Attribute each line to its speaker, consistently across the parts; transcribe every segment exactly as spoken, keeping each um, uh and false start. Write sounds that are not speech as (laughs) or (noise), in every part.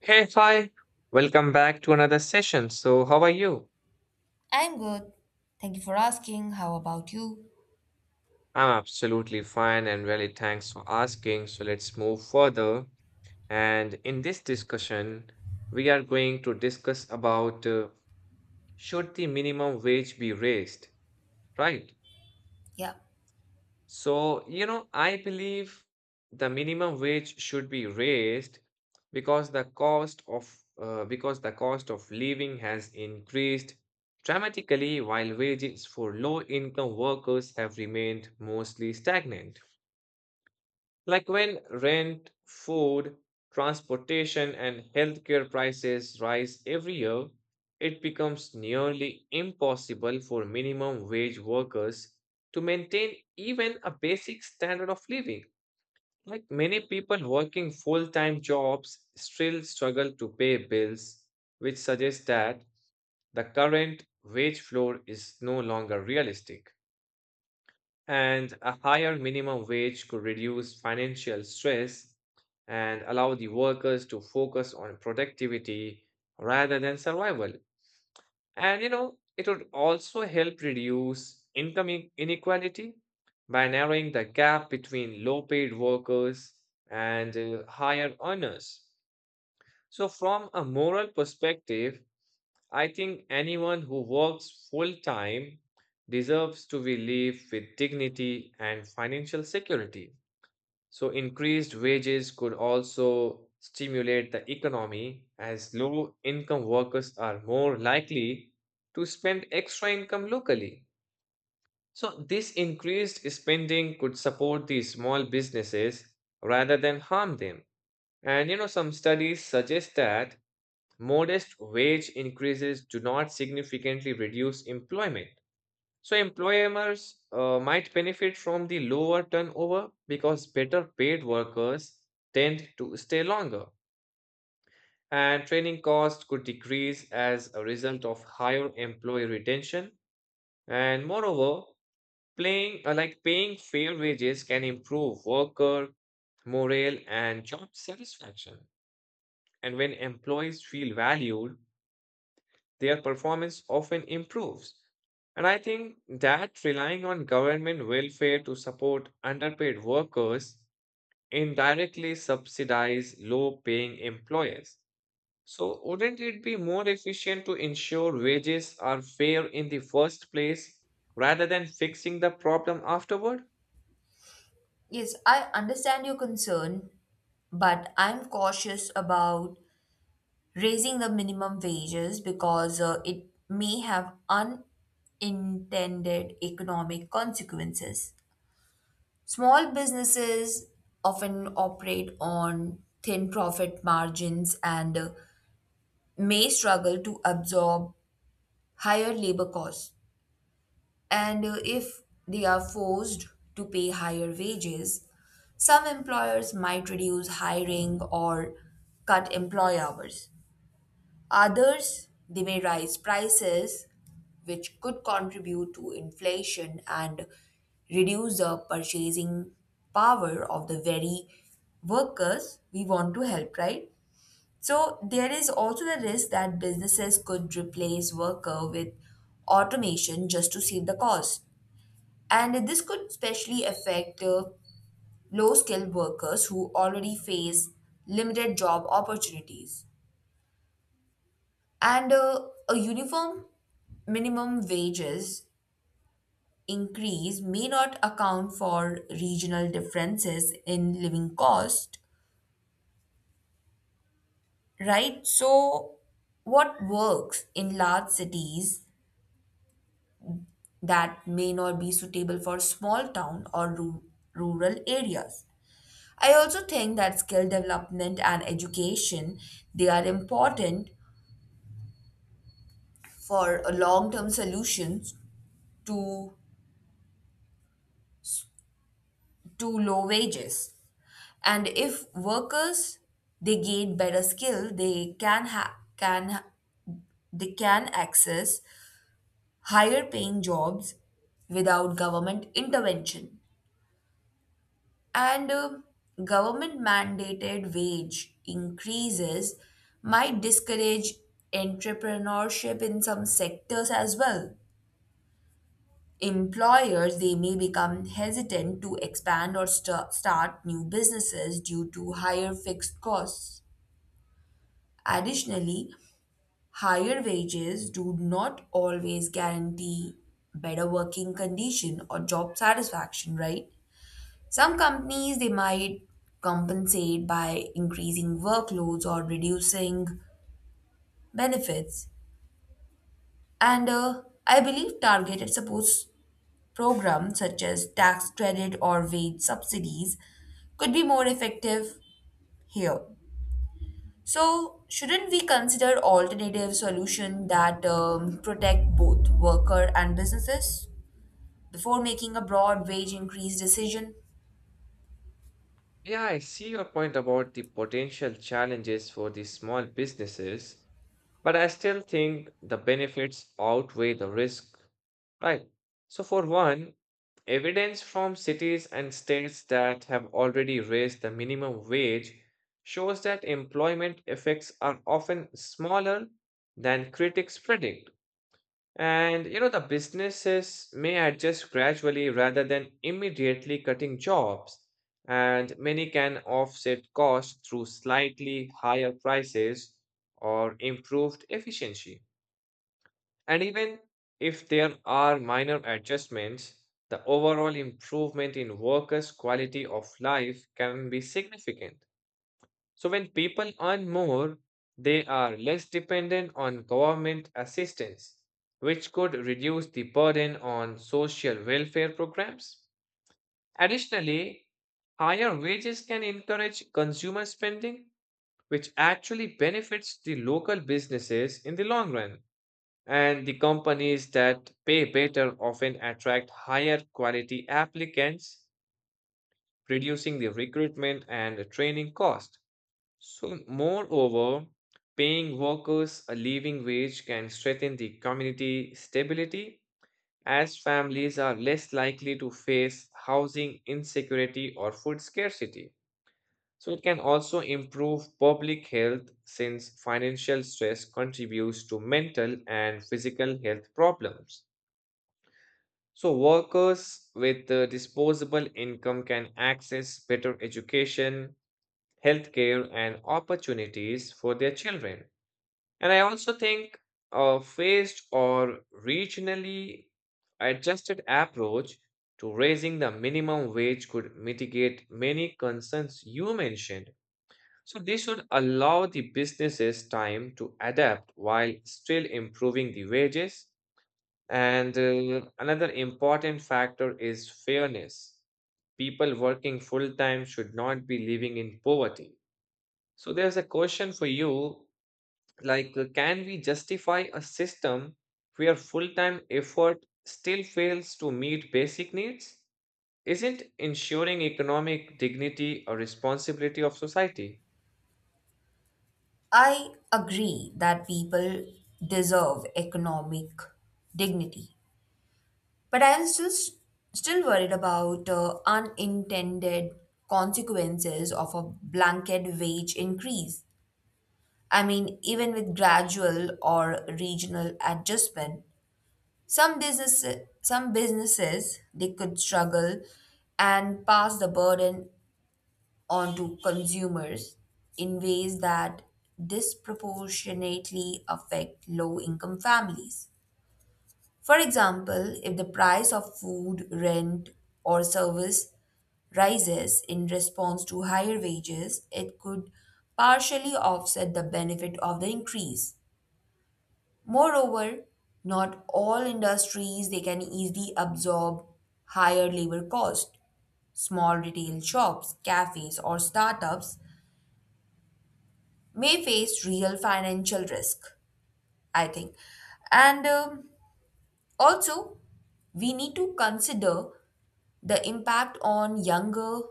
Speaker 1: Hey, hi. Welcome back to another session. So, how are you?
Speaker 2: I'm good. Thank you for asking. How about you?
Speaker 1: I'm absolutely fine and really thanks for asking. So, let's move further. And in this discussion, we are going to discuss about uh, should the minimum wage be raised, right?
Speaker 2: Yeah.
Speaker 1: So, you know, I believe the minimum wage should be raised because the cost of uh, because the cost of living has increased dramatically while wages for low income workers have remained mostly stagnant. Like when rent, food, transportation, and healthcare prices rise every year, it becomes nearly impossible for minimum wage workers to maintain even a basic standard of living. Like many people working full time jobs still struggle to pay bills, which suggests that the current wage floor is no longer realistic. And a higher minimum wage could reduce financial stress and allow the workers to focus on productivity rather than survival. And you know, it would also help reduce income in- inequality by narrowing the gap between low paid workers and uh, higher earners. So, from a moral perspective, I think anyone who works full time deserves to be live with dignity and financial security. So, increased wages could also stimulate the economy as low income workers are more likely to spend extra income locally. So, this increased spending could support the small businesses rather than harm them. And you know, some studies suggest that modest wage increases do not significantly reduce employment. So, employers uh, might benefit from the lower turnover because better paid workers tend to stay longer. And training costs could decrease as a result of higher employee retention. And moreover, playing, uh, like paying fair wages can improve worker morale and job satisfaction. And when employees feel valued, their performance often improves. And I think that relying on government welfare to support underpaid workers indirectly subsidize low paying employers. So, wouldn't it be more efficient to ensure wages are fair in the first place rather than fixing the problem afterward?
Speaker 2: Yes, I understand your concern, but I'm cautious about raising the minimum wages because uh, it may have unintended economic consequences. Small businesses often operate on thin profit margins and uh, may struggle to absorb higher labor costs. And uh, if they are forced to pay higher wages, some employers might reduce hiring or cut employee hours. Others, they may raise prices, which could contribute to inflation and reduce the purchasing power of the very workers we want to help, right? So there is also the risk that businesses could replace worker with automation just to save the cost, and this could especially affect uh, low skilled workers who already face limited job opportunities. And uh, a uniform minimum wages increase may not account for regional differences in living cost, right? So, what works in large cities that may not be suitable for small town or ru- rural areas? I also think that skill development and education, they are important for a long-term solutions to to low wages. And if workers they gain better skill, they can ha- can ha- they can access higher paying jobs without government intervention. And um, Government mandated wage increases might discourage entrepreneurship in some sectors as well. Employers, they may become hesitant to expand or st- start new businesses due to higher fixed costs. Additionally, higher wages do not always guarantee better working condition or job satisfaction, right? Some companies, they might compensate by increasing workloads or reducing benefits. And uh, I believe targeted support programs such as tax credit or wage subsidies could be more effective here. So, shouldn't we consider alternative solution that um, protect both worker and businesses before making a broad wage increase decision?
Speaker 1: Yeah, I see your point about the potential challenges for the small businesses, but I still think the benefits outweigh the risk. Right. So, for one, evidence from cities and states that have already raised the minimum wage shows that employment effects are often smaller than critics predict. And you know, the businesses may adjust gradually rather than immediately cutting jobs. And many can offset costs through slightly higher prices or improved efficiency. And even if there are minor adjustments, the overall improvement in workers' quality of life can be significant. So, when people earn more, they are less dependent on government assistance, which could reduce the burden on social welfare programs. Additionally, higher wages can encourage consumer spending, which actually benefits the local businesses in the long run, and the companies that pay better often attract higher quality applicants, reducing the recruitment and training cost. So, moreover, paying workers a living wage can strengthen the community stability as families are less likely to face housing insecurity or food scarcity. So, it can also improve public health since financial stress contributes to mental and physical health problems. So, workers with uh, disposable income can access better education, healthcare, and opportunities for their children. And I also think a phased or regionally adjusted approach to raising the minimum wage could mitigate many concerns you mentioned. So, this should allow the businesses time to adapt while still improving the wages, and uh, another important factor is fairness. People working full time should not be living in poverty. So there's a question for you like, uh, can we justify a system where full time effort still fails to meet basic needs? Isn't ensuring economic dignity a responsibility of society?
Speaker 2: I agree that people deserve economic dignity, but I am still still worried about uh, unintended consequences of a blanket wage increase. I mean, even with gradual or regional adjustment, some businesses some businesses they could struggle and pass the burden onto consumers in ways that disproportionately affect low income families. For example, if the price of food, rent, or service rises in response to higher wages, it could partially offset the benefit of the increase. Moreover, not all industries they can easily absorb higher labor cost. Small retail shops, cafes, or startups may face real financial risk, I think. And um, also, we need to consider the impact on younger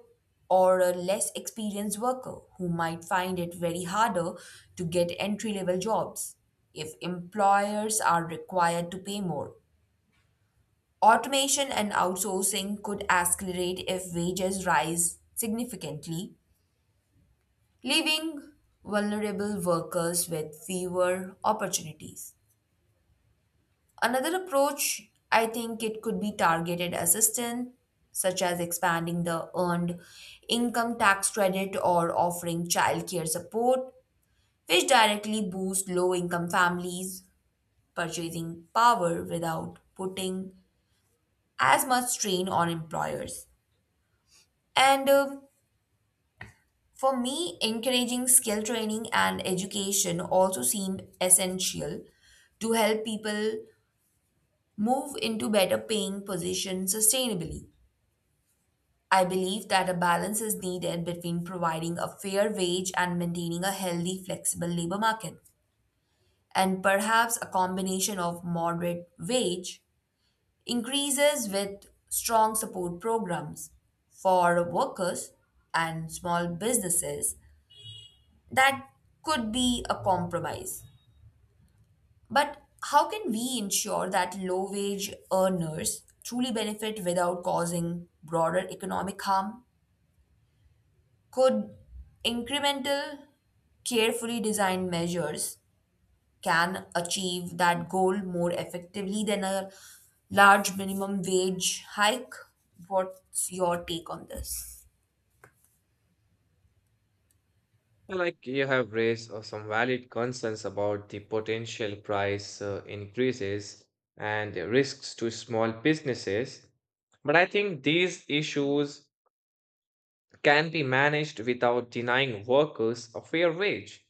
Speaker 2: or a less experienced worker who might find it very harder to get entry level jobs if employers are required to pay more. Automation and outsourcing could accelerate if wages rise significantly, leaving vulnerable workers with fewer opportunities. Another approach, I think it could be targeted assistance, such as expanding the earned income tax credit or offering childcare support, which directly boost low income families' purchasing power without putting as much strain on employers. And uh, for me, encouraging skill training and education also seem essential to help people move into better paying positions sustainably. I believe that a balance is needed between providing a fair wage and maintaining a healthy, flexible labor market. And perhaps a combination of moderate wage increases with strong support programs for workers and small businesses, that could be a compromise. But how can we ensure that low wage earners truly benefit without causing broader economic harm? Could incremental, carefully designed measures can achieve that goal more effectively than a large minimum wage hike? What's your take on this?
Speaker 1: Well, like you have raised uh, some valid concerns about the potential price uh, increases and the risks to small businesses, but I think these issues can be managed without denying workers a fair wage.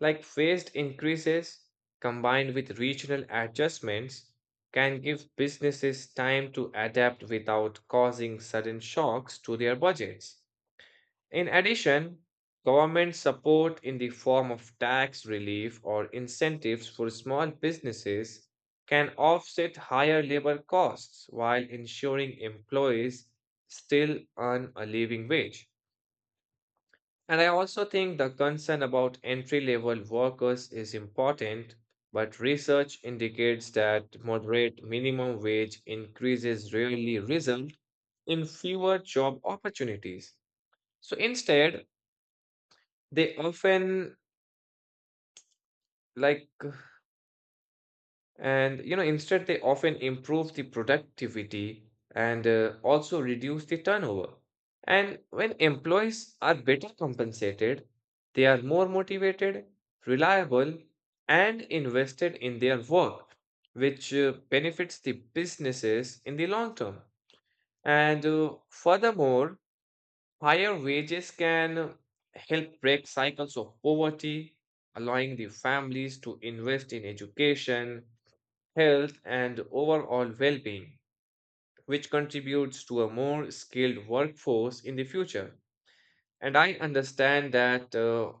Speaker 1: Like phased increases combined with regional adjustments can give businesses time to adapt without causing sudden shocks to their budgets. In addition, government support in the form of tax relief or incentives for small businesses can offset higher labor costs while ensuring employees still earn a living wage. And I also think the concern about entry level workers is important, but research indicates that moderate minimum wage increases rarely result in fewer job opportunities. So instead, they often like and you know instead they often improve the productivity and uh, also reduce the turnover, and when employees are better compensated they are more motivated, reliable, and invested in their work, which uh, benefits the businesses in the long term. And uh, furthermore, higher wages can help break cycles of poverty, allowing the families to invest in education, health, and overall well being, which contributes to a more skilled workforce in the future. And I understand that uh,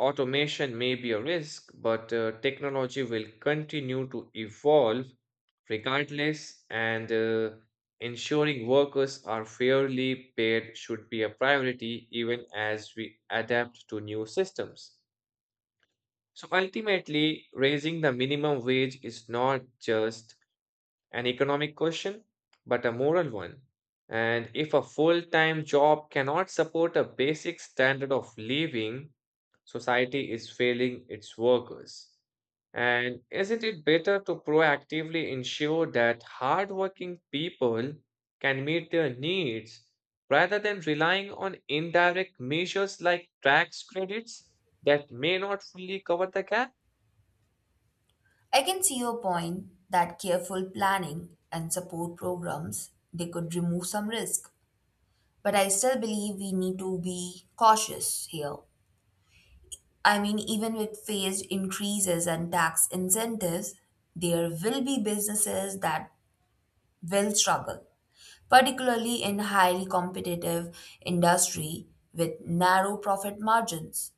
Speaker 1: automation may be a risk, but uh, technology will continue to evolve regardless, and uh, ensuring workers are fairly paid should be a priority even as we adapt to new systems. So ultimately, raising the minimum wage is not just an economic question, but a moral one. And if a full time job cannot support a basic standard of living, society is failing its workers. And isn't it better to proactively ensure that hardworking people can meet their needs rather than relying on indirect measures like tax credits that may not fully cover the gap?
Speaker 2: I can see your point that careful planning and support programs they could remove some risk, but I still believe we need to be cautious here. I mean, even with phased increases and tax incentives, there will be businesses that will struggle, particularly in highly competitive industry with narrow profit margins.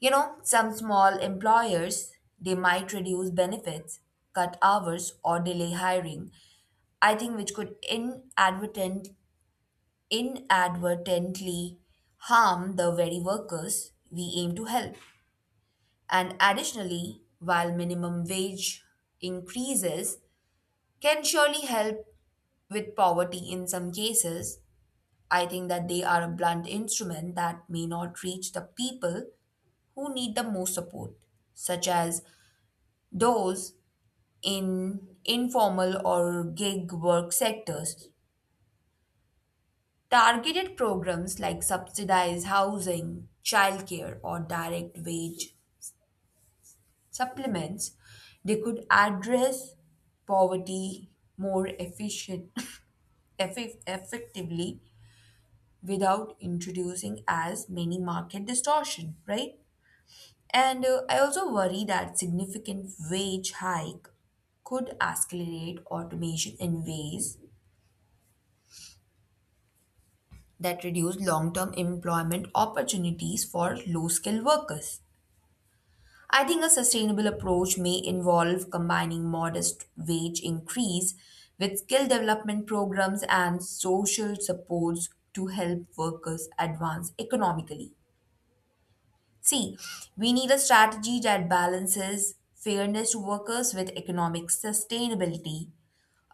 Speaker 2: You know, some small employers, they might reduce benefits, cut hours or delay hiring, I think, which could inadvertent inadvertently harm the very workers we aim to help. And additionally, while minimum wage increases can surely help with poverty in some cases, I think that they are a blunt instrument that may not reach the people who need the most support, such as those in informal or gig work sectors. Targeted programs like subsidized housing, childcare, or direct wage supplements, they could address poverty more efficient, (laughs) effi- effectively without introducing as many market distortion, right? And uh, I also worry that significant wage hike could accelerate automation in ways that reduce long-term employment opportunities for low-skilled workers. I think a sustainable approach may involve combining modest wage increase with skill development programs and social supports to help workers advance economically. See, we need a strategy that balances fairness to workers with economic sustainability,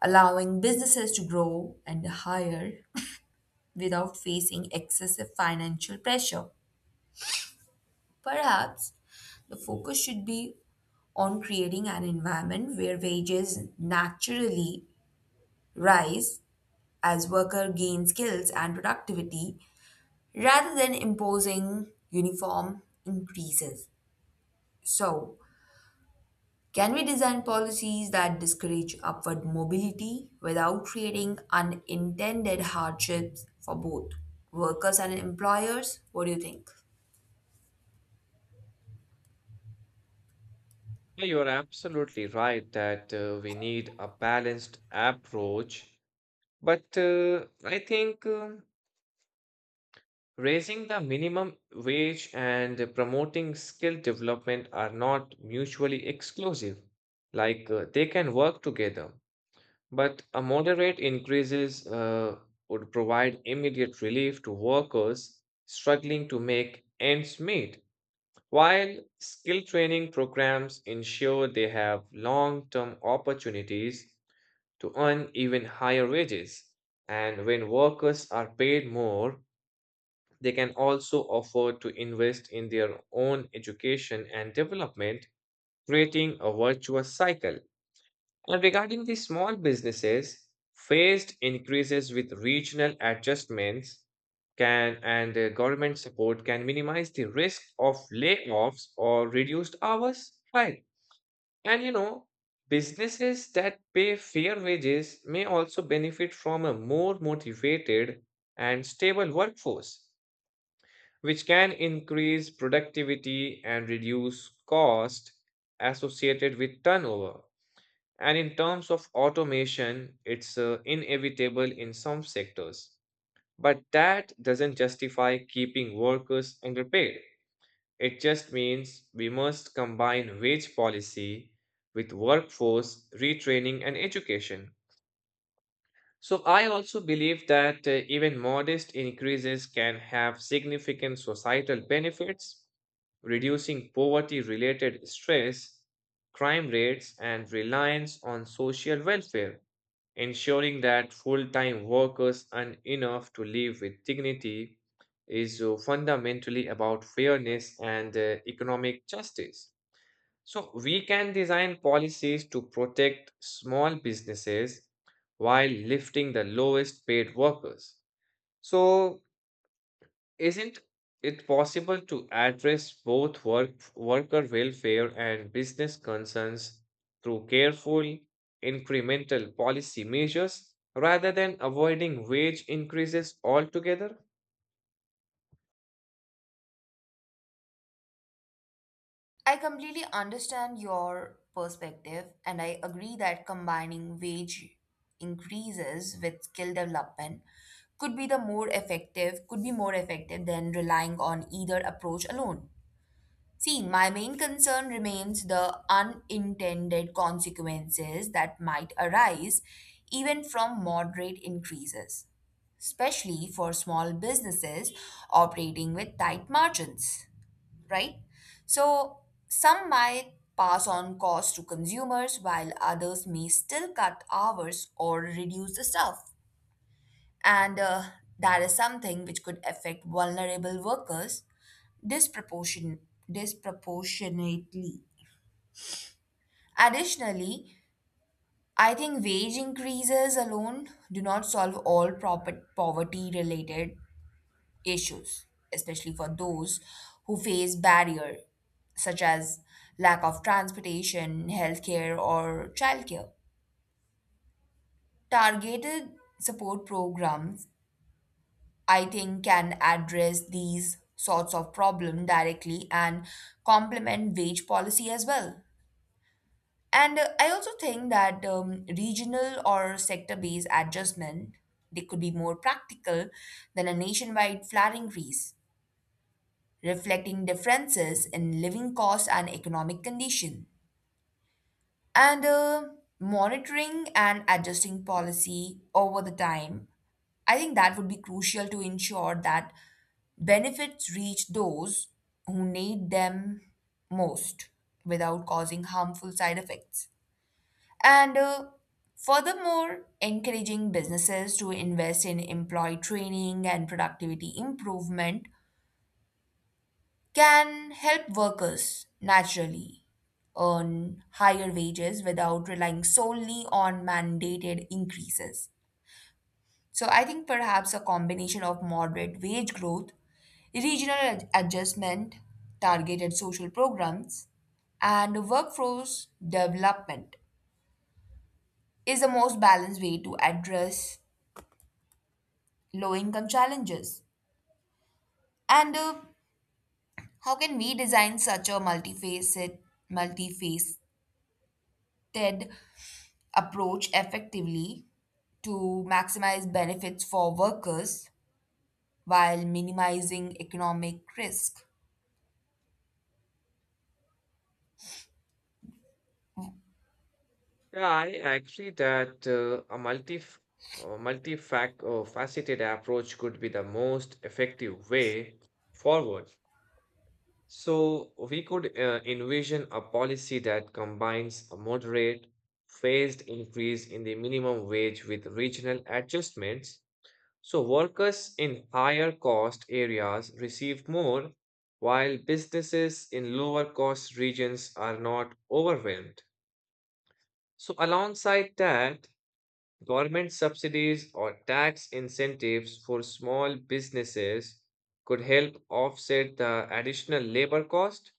Speaker 2: allowing businesses to grow and hire without facing excessive financial pressure. Perhaps the focus should be on creating an environment where wages naturally rise as workers gain skills and productivity rather than imposing uniform increases. So, can we design policies that discourage upward mobility without creating unintended hardships for both workers and employers? What do you think?
Speaker 1: Yeah, you're absolutely right that uh, we need a balanced approach, but uh, I think um, raising the minimum wage and uh, promoting skill development are not mutually exclusive. Like uh, they can work together, but a moderate increases uh, would provide immediate relief to workers struggling to make ends meet, while skill training programs ensure they have long term opportunities to earn even higher wages. And when workers are paid more, they can also afford to invest in their own education and development, creating a virtuous cycle. And regarding the small businesses, phased increases with regional adjustments can, and uh, government support can minimize the risk of layoffs or reduced hours. Right. And you know, businesses that pay fair wages may also benefit from a more motivated and stable workforce, which can increase productivity and reduce cost associated with turnover. And in terms of automation, it's uh, inevitable in some sectors. But that doesn't justify keeping workers underpaid. It just means we must combine wage policy with workforce retraining and education. So, I also believe that uh, even modest increases can have significant societal benefits, reducing poverty related stress, crime rates, and reliance on social welfare. Ensuring that full time workers earn enough to live with dignity is uh, fundamentally about fairness and uh, economic justice. So, we can design policies to protect small businesses while lifting the lowest paid workers. So, isn't it possible to address both work, worker welfare and business concerns through careful, incremental policy measures rather than avoiding wage increases altogether?
Speaker 2: I completely understand your perspective, and I agree that combining wage increases with skill development could be the more effective could be more effective than relying on either approach alone. See, my main concern remains the unintended consequences that might arise even from moderate increases, especially for small businesses operating with tight margins, right? So, some might pass on costs to consumers while others may still cut hours or reduce the staff. And uh, that is something which could affect vulnerable workers disproportion- disproportionately. Additionally, I think wage increases alone do not solve all poverty related issues, especially for those who face barrier such as lack of transportation, healthcare or childcare. Targeted support programs, I think, can address these sorts of problem directly and complement wage policy as well. And uh, I also think that um, regional or sector-based adjustment they could be more practical than a nationwide flat increase, reflecting differences in living costs and economic condition. And uh, monitoring and adjusting policy over the time, I think that would be crucial to ensure that benefits reach those who need them most without causing harmful side effects. And uh, furthermore, encouraging businesses to invest in employee training and productivity improvement can help workers naturally earn higher wages without relying solely on mandated increases. So I think perhaps a combination of moderate wage growth, regional ad- adjustment, targeted social programs, and workforce development is the most balanced way to address low income challenges. And uh, how can we design such a multifaceted, multifaceted approach effectively to maximize benefits for workers while minimizing economic risk?
Speaker 1: Yeah, I agree that uh, a multi uh, multi-fac- uh, faceted approach could be the most effective way forward. So we could uh, envision a policy that combines a moderate, phased increase in the minimum wage with regional adjustments. So workers in higher cost areas receive more, while businesses in lower cost regions are not overwhelmed. So alongside that, government subsidies or tax incentives for small businesses could help offset the additional labor cost,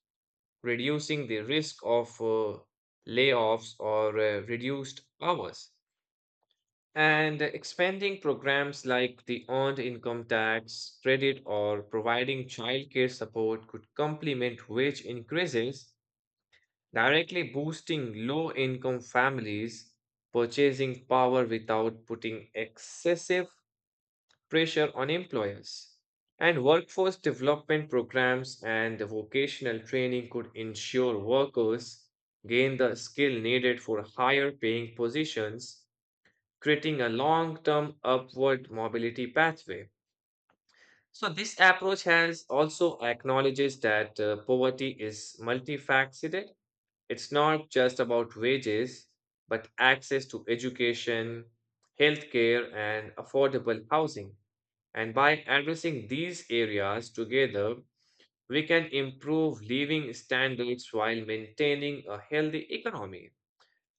Speaker 1: reducing the risk of uh, layoffs or uh, reduced hours. And expanding programs like the earned income tax credit or providing childcare support could complement wage increases, directly boosting low income families' purchasing power without putting excessive pressure on employers. And workforce development programs and vocational training could ensure workers gain the skill needed for higher paying positions, creating a long term upward mobility pathway. So, this approach has also acknowledges that uh, poverty is multifaceted. It's not just about wages, but access to education, healthcare, and affordable housing. And by addressing these areas together, we can improve living standards while maintaining a healthy economy.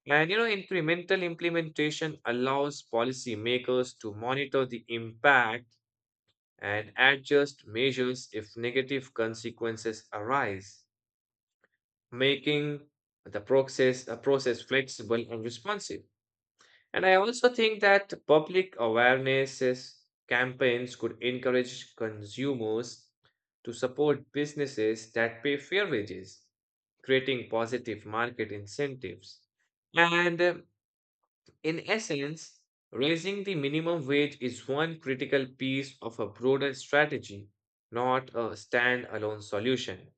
Speaker 1: And you know, incremental implementation allows policymakers to monitor the impact and adjust measures if negative consequences arise, making the process a process flexible and responsive. And I also think that public awareness is- campaigns could encourage consumers to support businesses that pay fair wages, creating positive market incentives. And uh, in essence, raising the minimum wage is one critical piece of a broader strategy, not a standalone solution.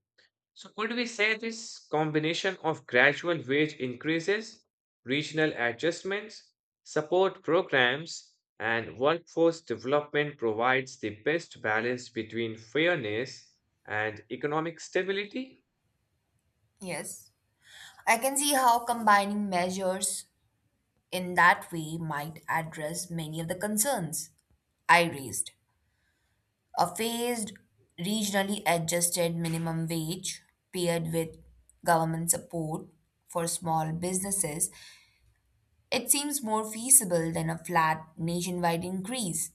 Speaker 1: So, could we say this combination of gradual wage increases, regional adjustments, support programs, and workforce development provides the best balance between fairness and economic stability?
Speaker 2: Yes. I can see how combining measures in that way might address many of the concerns I raised. A phased, regionally adjusted minimum wage paired with government support for small businesses, it seems more feasible than a flat nationwide increase.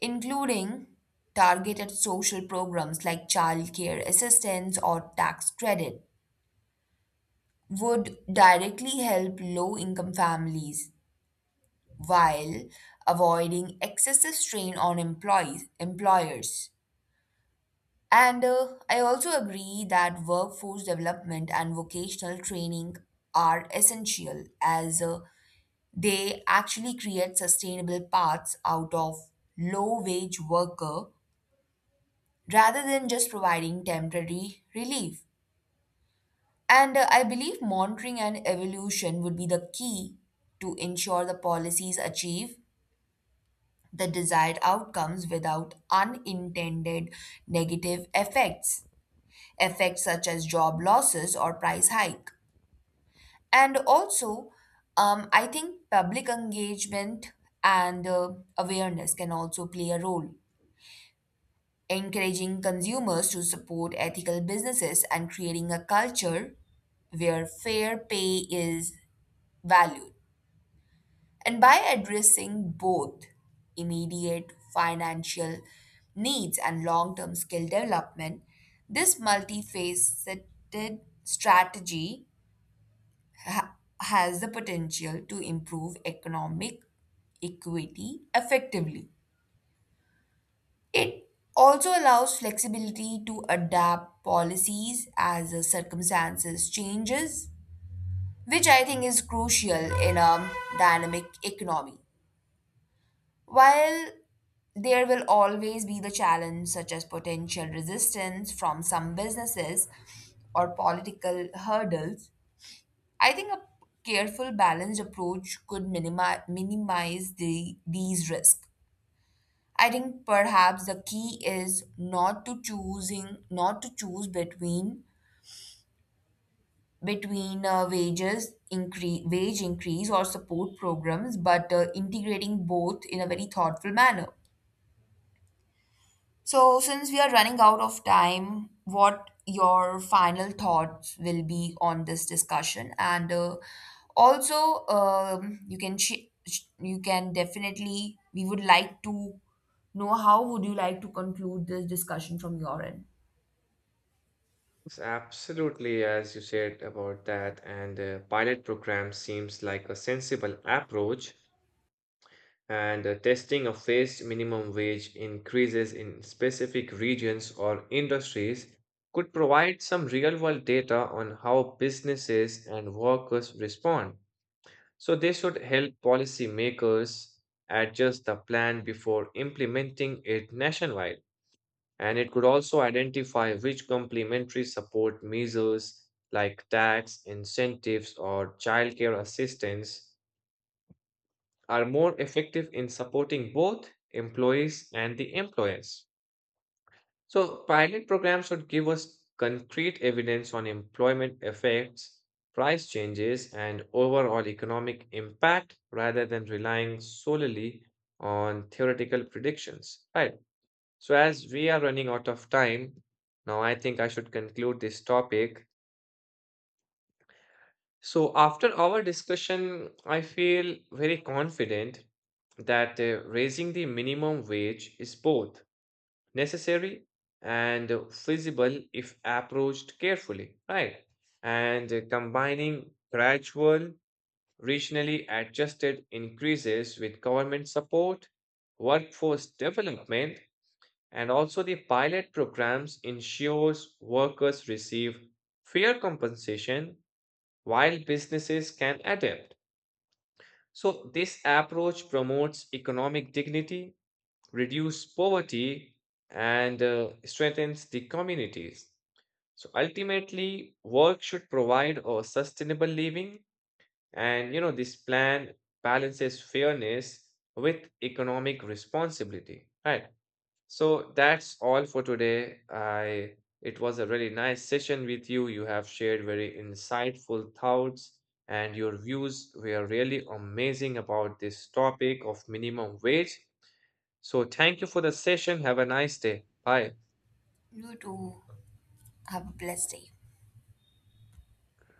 Speaker 2: Including targeted social programs like childcare assistance or tax credit would directly help low income families while avoiding excessive strain on employees employers. And uh, I also agree that workforce development and vocational training are essential, as uh, they actually create sustainable paths out of low wage worker rather than just providing temporary relief. And uh, I believe monitoring and evolution would be the key to ensure the policies achieve the desired outcomes without unintended negative effects, effects such as job losses or price hike. And also, um, I think public engagement and uh, awareness can also play a role, encouraging consumers to support ethical businesses and creating a culture where fair pay is valued. And by addressing both immediate financial needs and long term skill development, this multifaceted strategy ha- has the potential to improve economic equity effectively. It also allows flexibility to adapt policies as the circumstances changes, which I think is crucial in a dynamic economy. While there will always be the challenge, such as potential resistance from some businesses or political hurdles, I think a careful, balanced approach could minimi- minimize the, these risks. I think perhaps the key is not to choosing not to choose between between uh, wages increase wage increase or support programs, but uh, integrating both in a very thoughtful manner. So, since we are running out of time, what your final thoughts will be on this discussion, and uh, also um, you can sh- sh- you can definitely, we would like to know how would you like to conclude this discussion from your end.
Speaker 1: Yes, absolutely, as you said about that, and uh, pilot program seems like a sensible approach, and uh, testing a phased minimum wage increases in specific regions or industries could provide some real world data on how businesses and workers respond. So, they should help policymakers adjust the plan before implementing it nationwide. And it could also identify which complementary support measures like tax incentives or childcare assistance are more effective in supporting both employees and the employers. So, pilot programs should give us concrete evidence on employment effects, price changes, and overall economic impact rather than relying solely on theoretical predictions. Right. So, as we are running out of time, now I think I should conclude this topic. So, after our discussion, I feel very confident that uh, raising the minimum wage is both necessary and uh, feasible if approached carefully, right? And uh, combining gradual, regionally adjusted increases with government support, workforce development, and also the pilot programs ensures workers receive fair compensation while businesses can adapt. So, this approach promotes economic dignity, reduces poverty, and uh, strengthens the communities. So, ultimately, work should provide a sustainable living, and you know, this plan balances fairness with economic responsibility, right? So that's all for today. I It was a really nice session with you. You have shared very insightful thoughts and your views were really amazing about this topic of minimum wage. So thank you for the session. Have a nice day. Bye.
Speaker 2: You too. Have a blessed day.